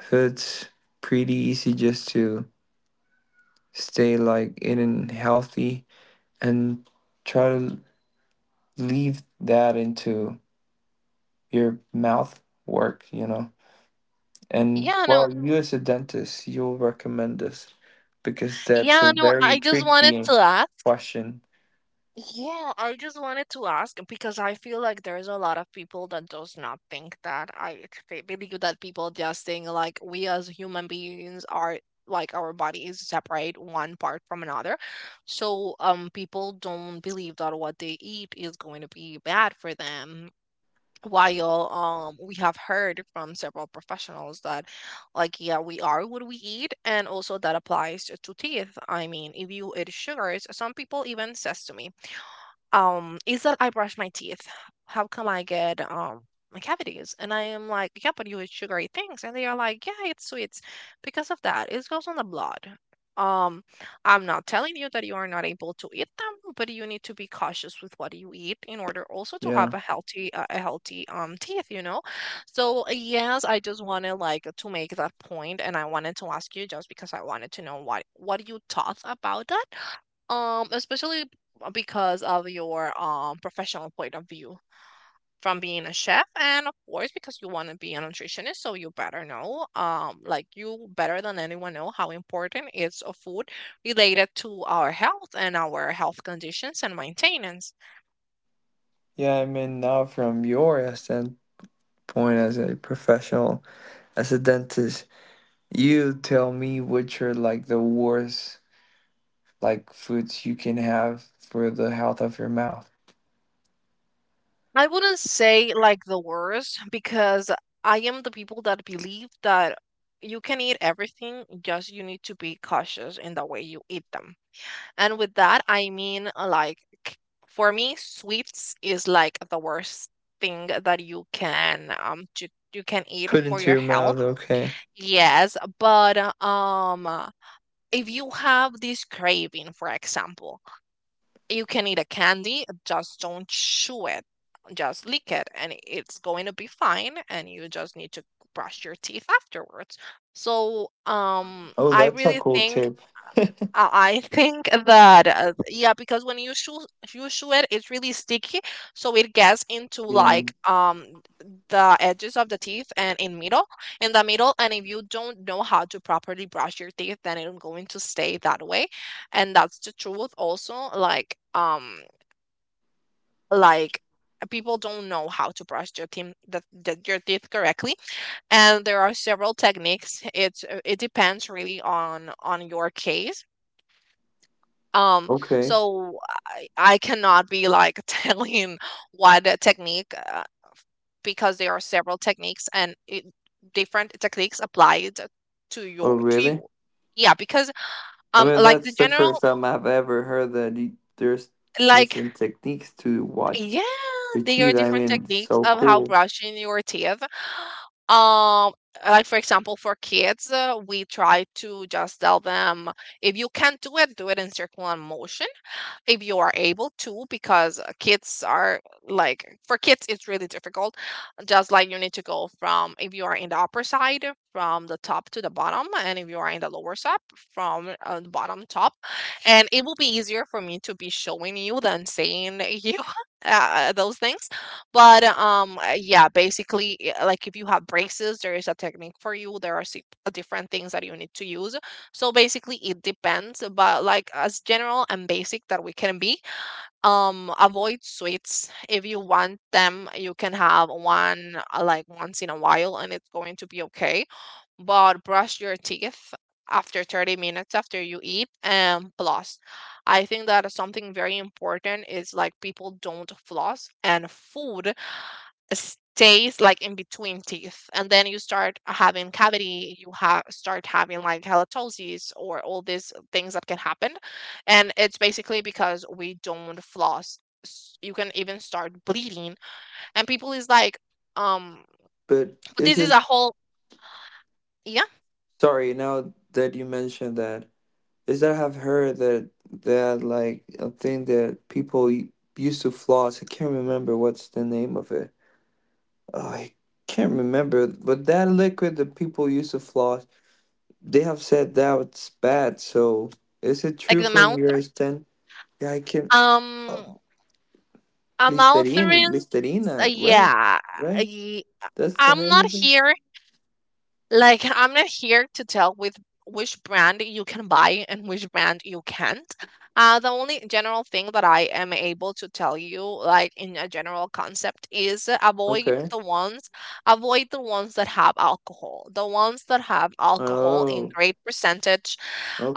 So it's pretty easy just to stay like eating healthy and try to leave that into your mouth work, you know. And
Yeah, no,
well, you as a dentist, you'll recommend this because that's a
yeah, no.
very
I just wanted
tricky
to ask.
question.
Yeah, I just wanted to ask because I feel like there's a lot of people that does not think that I they believe that people just think like we as human beings are like our body is separate one part from another. So people don't believe that what they eat is going to be bad for them. While we have heard from several professionals that like yeah, we are what we eat, and also that applies to teeth. I mean, if you eat sugars, some people even says to me is that I brush my teeth. How come I get my cavities? And I am like, yeah, but you eat sugary things. And they are like, yeah, it's sweets. Because of that, it goes on the blood. Um, I'm not telling you that you are not able to eat them, but you need to be cautious with what you eat in order also to have
Yeah.
a healthy teeth, So yes, I just wanted like to make that point, and I wanted to ask you just because I wanted to know what you thought about that especially because of your professional point of view from being a chef, and of course because you want to be a nutritionist, so you better know, like you better than anyone know how important is a food related to our health and our health conditions and maintenance.
Yeah, I mean now from your standpoint as a professional, as a dentist, you tell me which are like the worst like foods you can have for the health of your mouth.
I wouldn't say like the worst because I am the people that believe that you can eat everything, just you need to be cautious in the way you eat them. And with that, I mean, k- for me, sweets is like the worst thing that you can you can eat
Put
for
into
your
your
health.
mouth, okay.
Yes, but if you have this craving, for example, you can eat a candy, just don't chew it, just lick it, and it's going to be fine. And you just need to brush your teeth afterwards. So,
Oh,
I
that's a
really
cool
think
tip.
I think that yeah, because when you shoe it, it's really sticky, so it gets into
Yeah.
like the edges of the teeth and in the middle. And if you don't know how to properly brush your teeth, then it's going to stay that way, and that's the truth. Also, like people don't know how to brush their teeth your teeth correctly, and there are several techniques. It depends really on your case, um,
Okay.
so I cannot be like telling what technique, because there are several techniques and different techniques applied
Oh,
to
really?
you. Yeah, because
I mean,
like the
that's the
general,
first time I've ever heard that you, there's
like
different techniques to watch
yeah,
your
there are
teeth. I
different
mean, it's
techniques
so
of how
cool.
brushing your teeth. Um, like for example, for kids, we try to just tell them if you can't do it in circular motion if you are able to because kids are like for kids it's really difficult. Just like you need to go from, if you are in the upper side, from the top to the bottom, and if you are in the lower side, from the bottom top. And it will be easier for me to be showing you than saying you those things. But yeah, basically like if you have braces there is a technique for you. There are different things that you need to use. So basically, it depends, but like as general and basic that we can be, avoid sweets. If you want them, you can have one, like once in a while, and it's going to be okay. But brush your teeth after 30 minutes after you eat. And floss. I think that is something very important, is like people don't floss and food stays like in between teeth, and then you start having cavity, you have start having like halitosis or all these things that can happen, and it's basically because we don't floss. You can even start bleeding, and people is like um
But
but
is
this is
it,
a whole, yeah,
sorry, now that you mentioned that, is that I've heard that, like a thing that people used to floss? I can't remember what's the name of it. Oh, I can't remember. But that liquid that people used to floss, they have said that it's bad. So is it
like
true
the
from
mouth,
your stand? Yeah, I can.
um
Listerine,
amalthorines,
Listerina, right?
yeah.
Right?
I,
That's the
I'm
name
not
of it?
here Like, I'm not here to tell with which brand you can buy and which brand you can't. The only general thing that I am able to tell you, like in a general concept, is avoid
Okay.
avoid the ones that have alcohol. The ones that have alcohol in
Oh,
great percentage,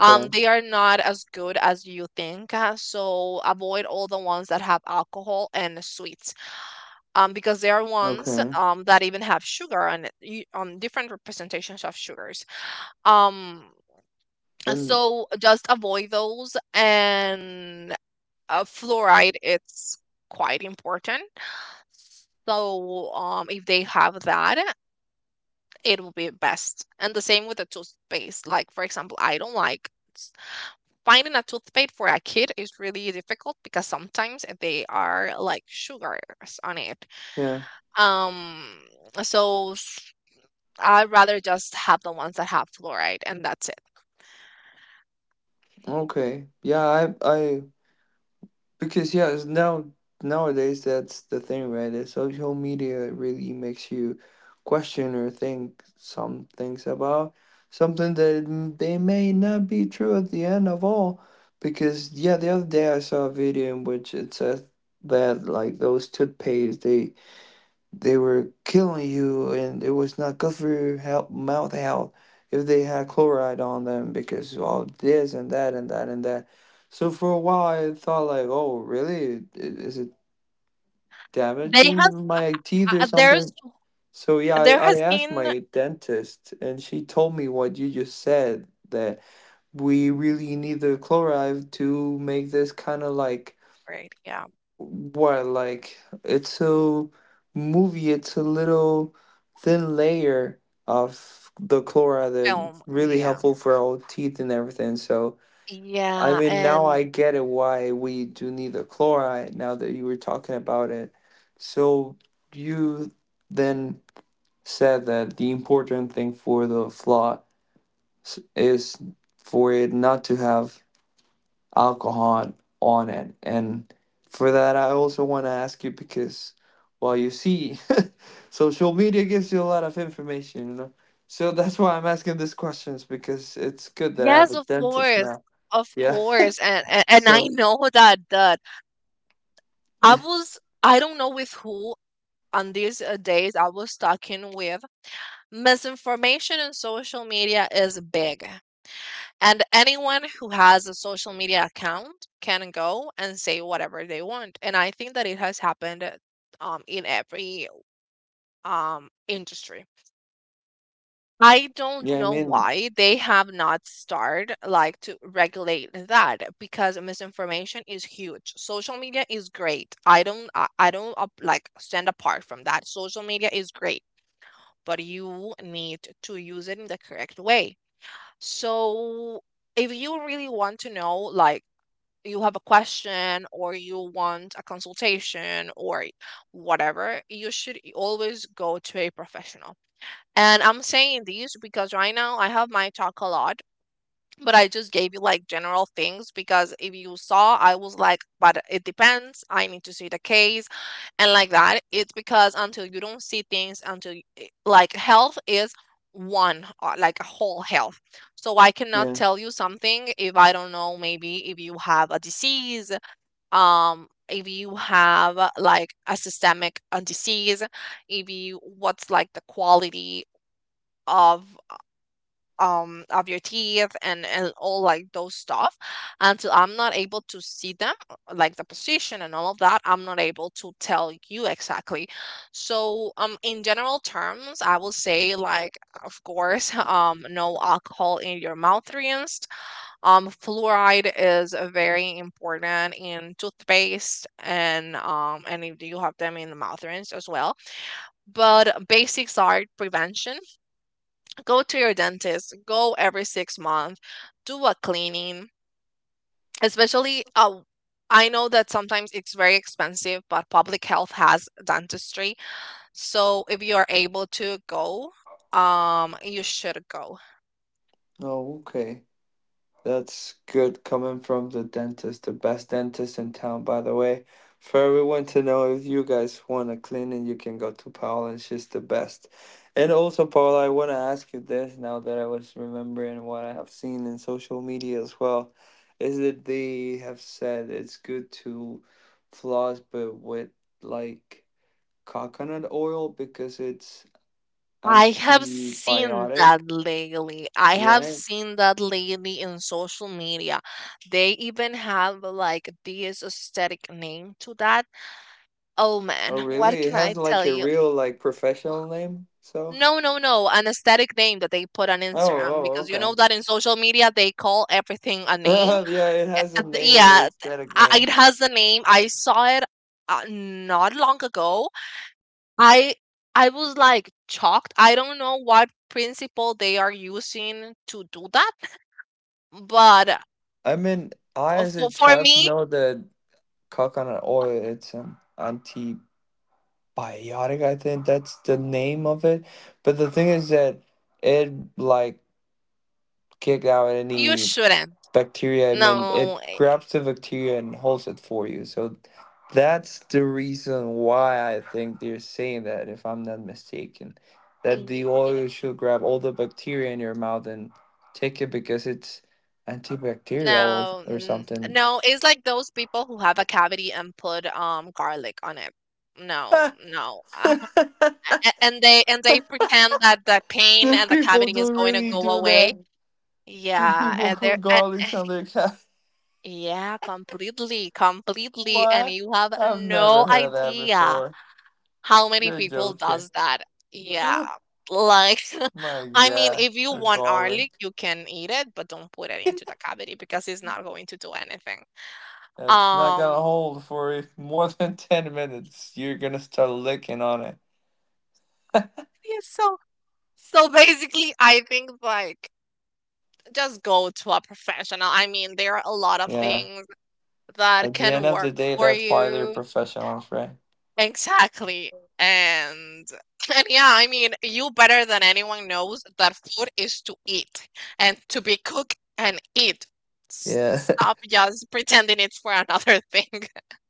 they are not as good as you think. So avoid all the ones that have alcohol and sweets, because there are ones,
Okay.
that even have sugar on it, on different representations of sugars. Um, and
And
so just avoid those. And fluoride, it's quite important. So if they have that, it will be best. And the same with the toothpaste. Like for example, I don't like, finding a toothpaste for a kid is really difficult because sometimes they are like sugars on it.
yeah,
Um, so I'd rather just have the ones that have fluoride and that's it.
okay. Yeah, I because yeah, it's nowadays that's the thing, right? That social media really makes you question or think some things about something that they may not be true at the end of all. Because yeah, the other day I saw a video in which it says that like those toothpaste they were killing you and it was not good for your health, mouth health if they had chloride on them because all this and that and that and that. So for a while I thought like, oh really? Is it
They has
damaging my teeth or
there's
something? So yeah, I,
There
I
has
asked
been,
my dentist and she told me what you just said that we really need the chloride to make this kind of like
right, yeah,
well, like it's a movie, it's a little thin layer of the chloride that's
film,
really
yeah,
helpful for our teeth and everything. So, I
yeah,
mean, now
and
I get it why we do need the chloride now that you were talking about it. So, you then said that the important thing for the is for it not to have alcohol on it. And for that, I also want to ask you because, well, you see, social media gives you a lot of information, you know. So that's why I'm asking these questions because it's good that I have
yes,
a dentist now.
of
Yeah.
course, and I
So
know that that I
yeah,
was, I don't know with who, on these days I was talking with, misinformation in social media is big. And anyone who has a social media account can go and say whatever they want. And I think that it has happened in every industry. I don't
yeah. I
know
mean,
why they have not started like to regulate that, because misinformation is huge. Social media is great. I don't like stand apart from that. Social media is great, but you need to use it in the correct way. So if you really want to know, like you have a question or you want a consultation or whatever, you should always go to a professional. And I'm saying these because right now I have my talk a lot, but I just gave you like general things, because if you saw, I was like, but it depends. I need to see the case and like that. It's because until you don't see things, until you, like health is one, like a whole health, so I cannot
yeah.
tell you something if I don't know, maybe if you have a disease, if you have like a systemic disease, if you what's like the quality of of your teeth and all like those stuff, until I'm not able to see them, like the position and all of that, I'm not able to tell you exactly. So in general terms I will say like, of course no alcohol in your mouth, fluoride is very important in toothpaste and if you have them in the mouth rinse as well. But basics are prevention. Go to your dentist. Go every 6 months. Do a cleaning, especially. I know that sometimes it's very expensive, but public health has dentistry. So if you are able to go, you should go.
Oh, okay. That's good coming from the dentist, the best dentist in town, by the way. For everyone to know, if you guys want a cleaning, you can go to Paola, and she's the best. And also, Paola, I want to ask you this now that I was remembering what I have seen in social media as well, is that they have said it's good to floss, but with like coconut oil because it's
I have seen
antibiotic,
that lately. I have
right?
seen that lately in social media. They even have like this aesthetic name to that. Oh
Oh,
man, what
really? It
can
has
I tell
like a
you?
real like professional name? So?
No, no, no, an aesthetic name that they put on
Oh,
Instagram
oh,
because you
okay.
know that in social media they call everything a name.
Yeah, it has a name, an
Yeah,
aesthetic name.
it has the name. I saw it not long ago. I I was like shocked. I don't know what principle they are using to do that, but,
I mean, I as a
for
child
me,
know that coconut oil, it's an antibiotic, I think that's the name of it. But the thing is that it like kicked out
you
any
shouldn't.
bacteria. I mean, it
No,
grabs the bacteria and holds it for you. So that's the reason why I think they're saying that, if I'm not mistaken, that the
eh, yeah,
oil should grab all the bacteria in your mouth and take it because it's antibacterial or,
no,
or something.
no. It's like those people who have a cavity and put garlic on it. No, no, and they pretend that the pain
do
and the
people
cavity is
do
going to
really
go
do that?
away.
Do
Yeah,
people put garlics on their cat?
yeah, completely, completely. And
What?
you have
I've never
no
heard that
idea
before.
how many
You're
people
joking.
does that. Yeah. Like,
My
I mean,
God,
if you
a
want
garlic.
garlic, you can eat it, but don't put it into the cavity because it's not going to do anything.
That's not gonna
Um,
hold for if more than 10 minutes. You're gonna start licking on it.
yeah, so so basically, I think like just go to a professional. I mean, there are a lot of
Yeah.
things that
At the
can
end of the
work
day,
for
that's why they're
you.
professionals, right?
Exactly. And and yeah, I mean, you better than anyone knows that food is to eat and to be cooked and eat.
Yeah.
Stop just pretending it's for another thing.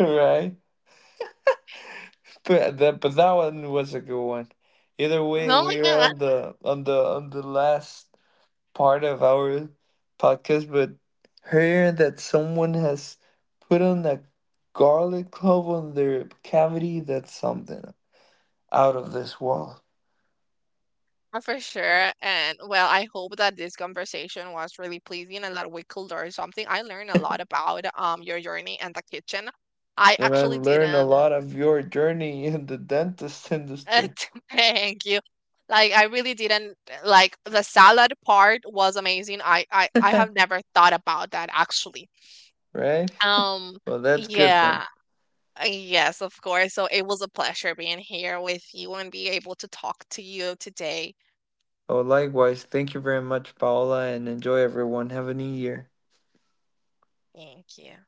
Right? But that one was a good one. Either
Oh
way,
my
we're on
God.
the on the last part of our podcast, but hearing that someone has put on a garlic clove on their cavity, that's something out of this world.
For sure. And well, I hope that this conversation was really pleasing and that we could learn something. I learned a lot about your journey and the kitchen. I
And I
actually
learned a
didn't,
lot of your journey in the dentist
Uh,
industry,
thank you. Like I really didn't, like the salad part was amazing. I have never thought about that actually.
right?
Um
Well, that's good, man.
yeah. Yes, of course. So it was a pleasure being here with you and be able to talk to you today.
Oh, likewise. Thank you very much, Paola, and enjoy everyone. Have a new year.
Thank you.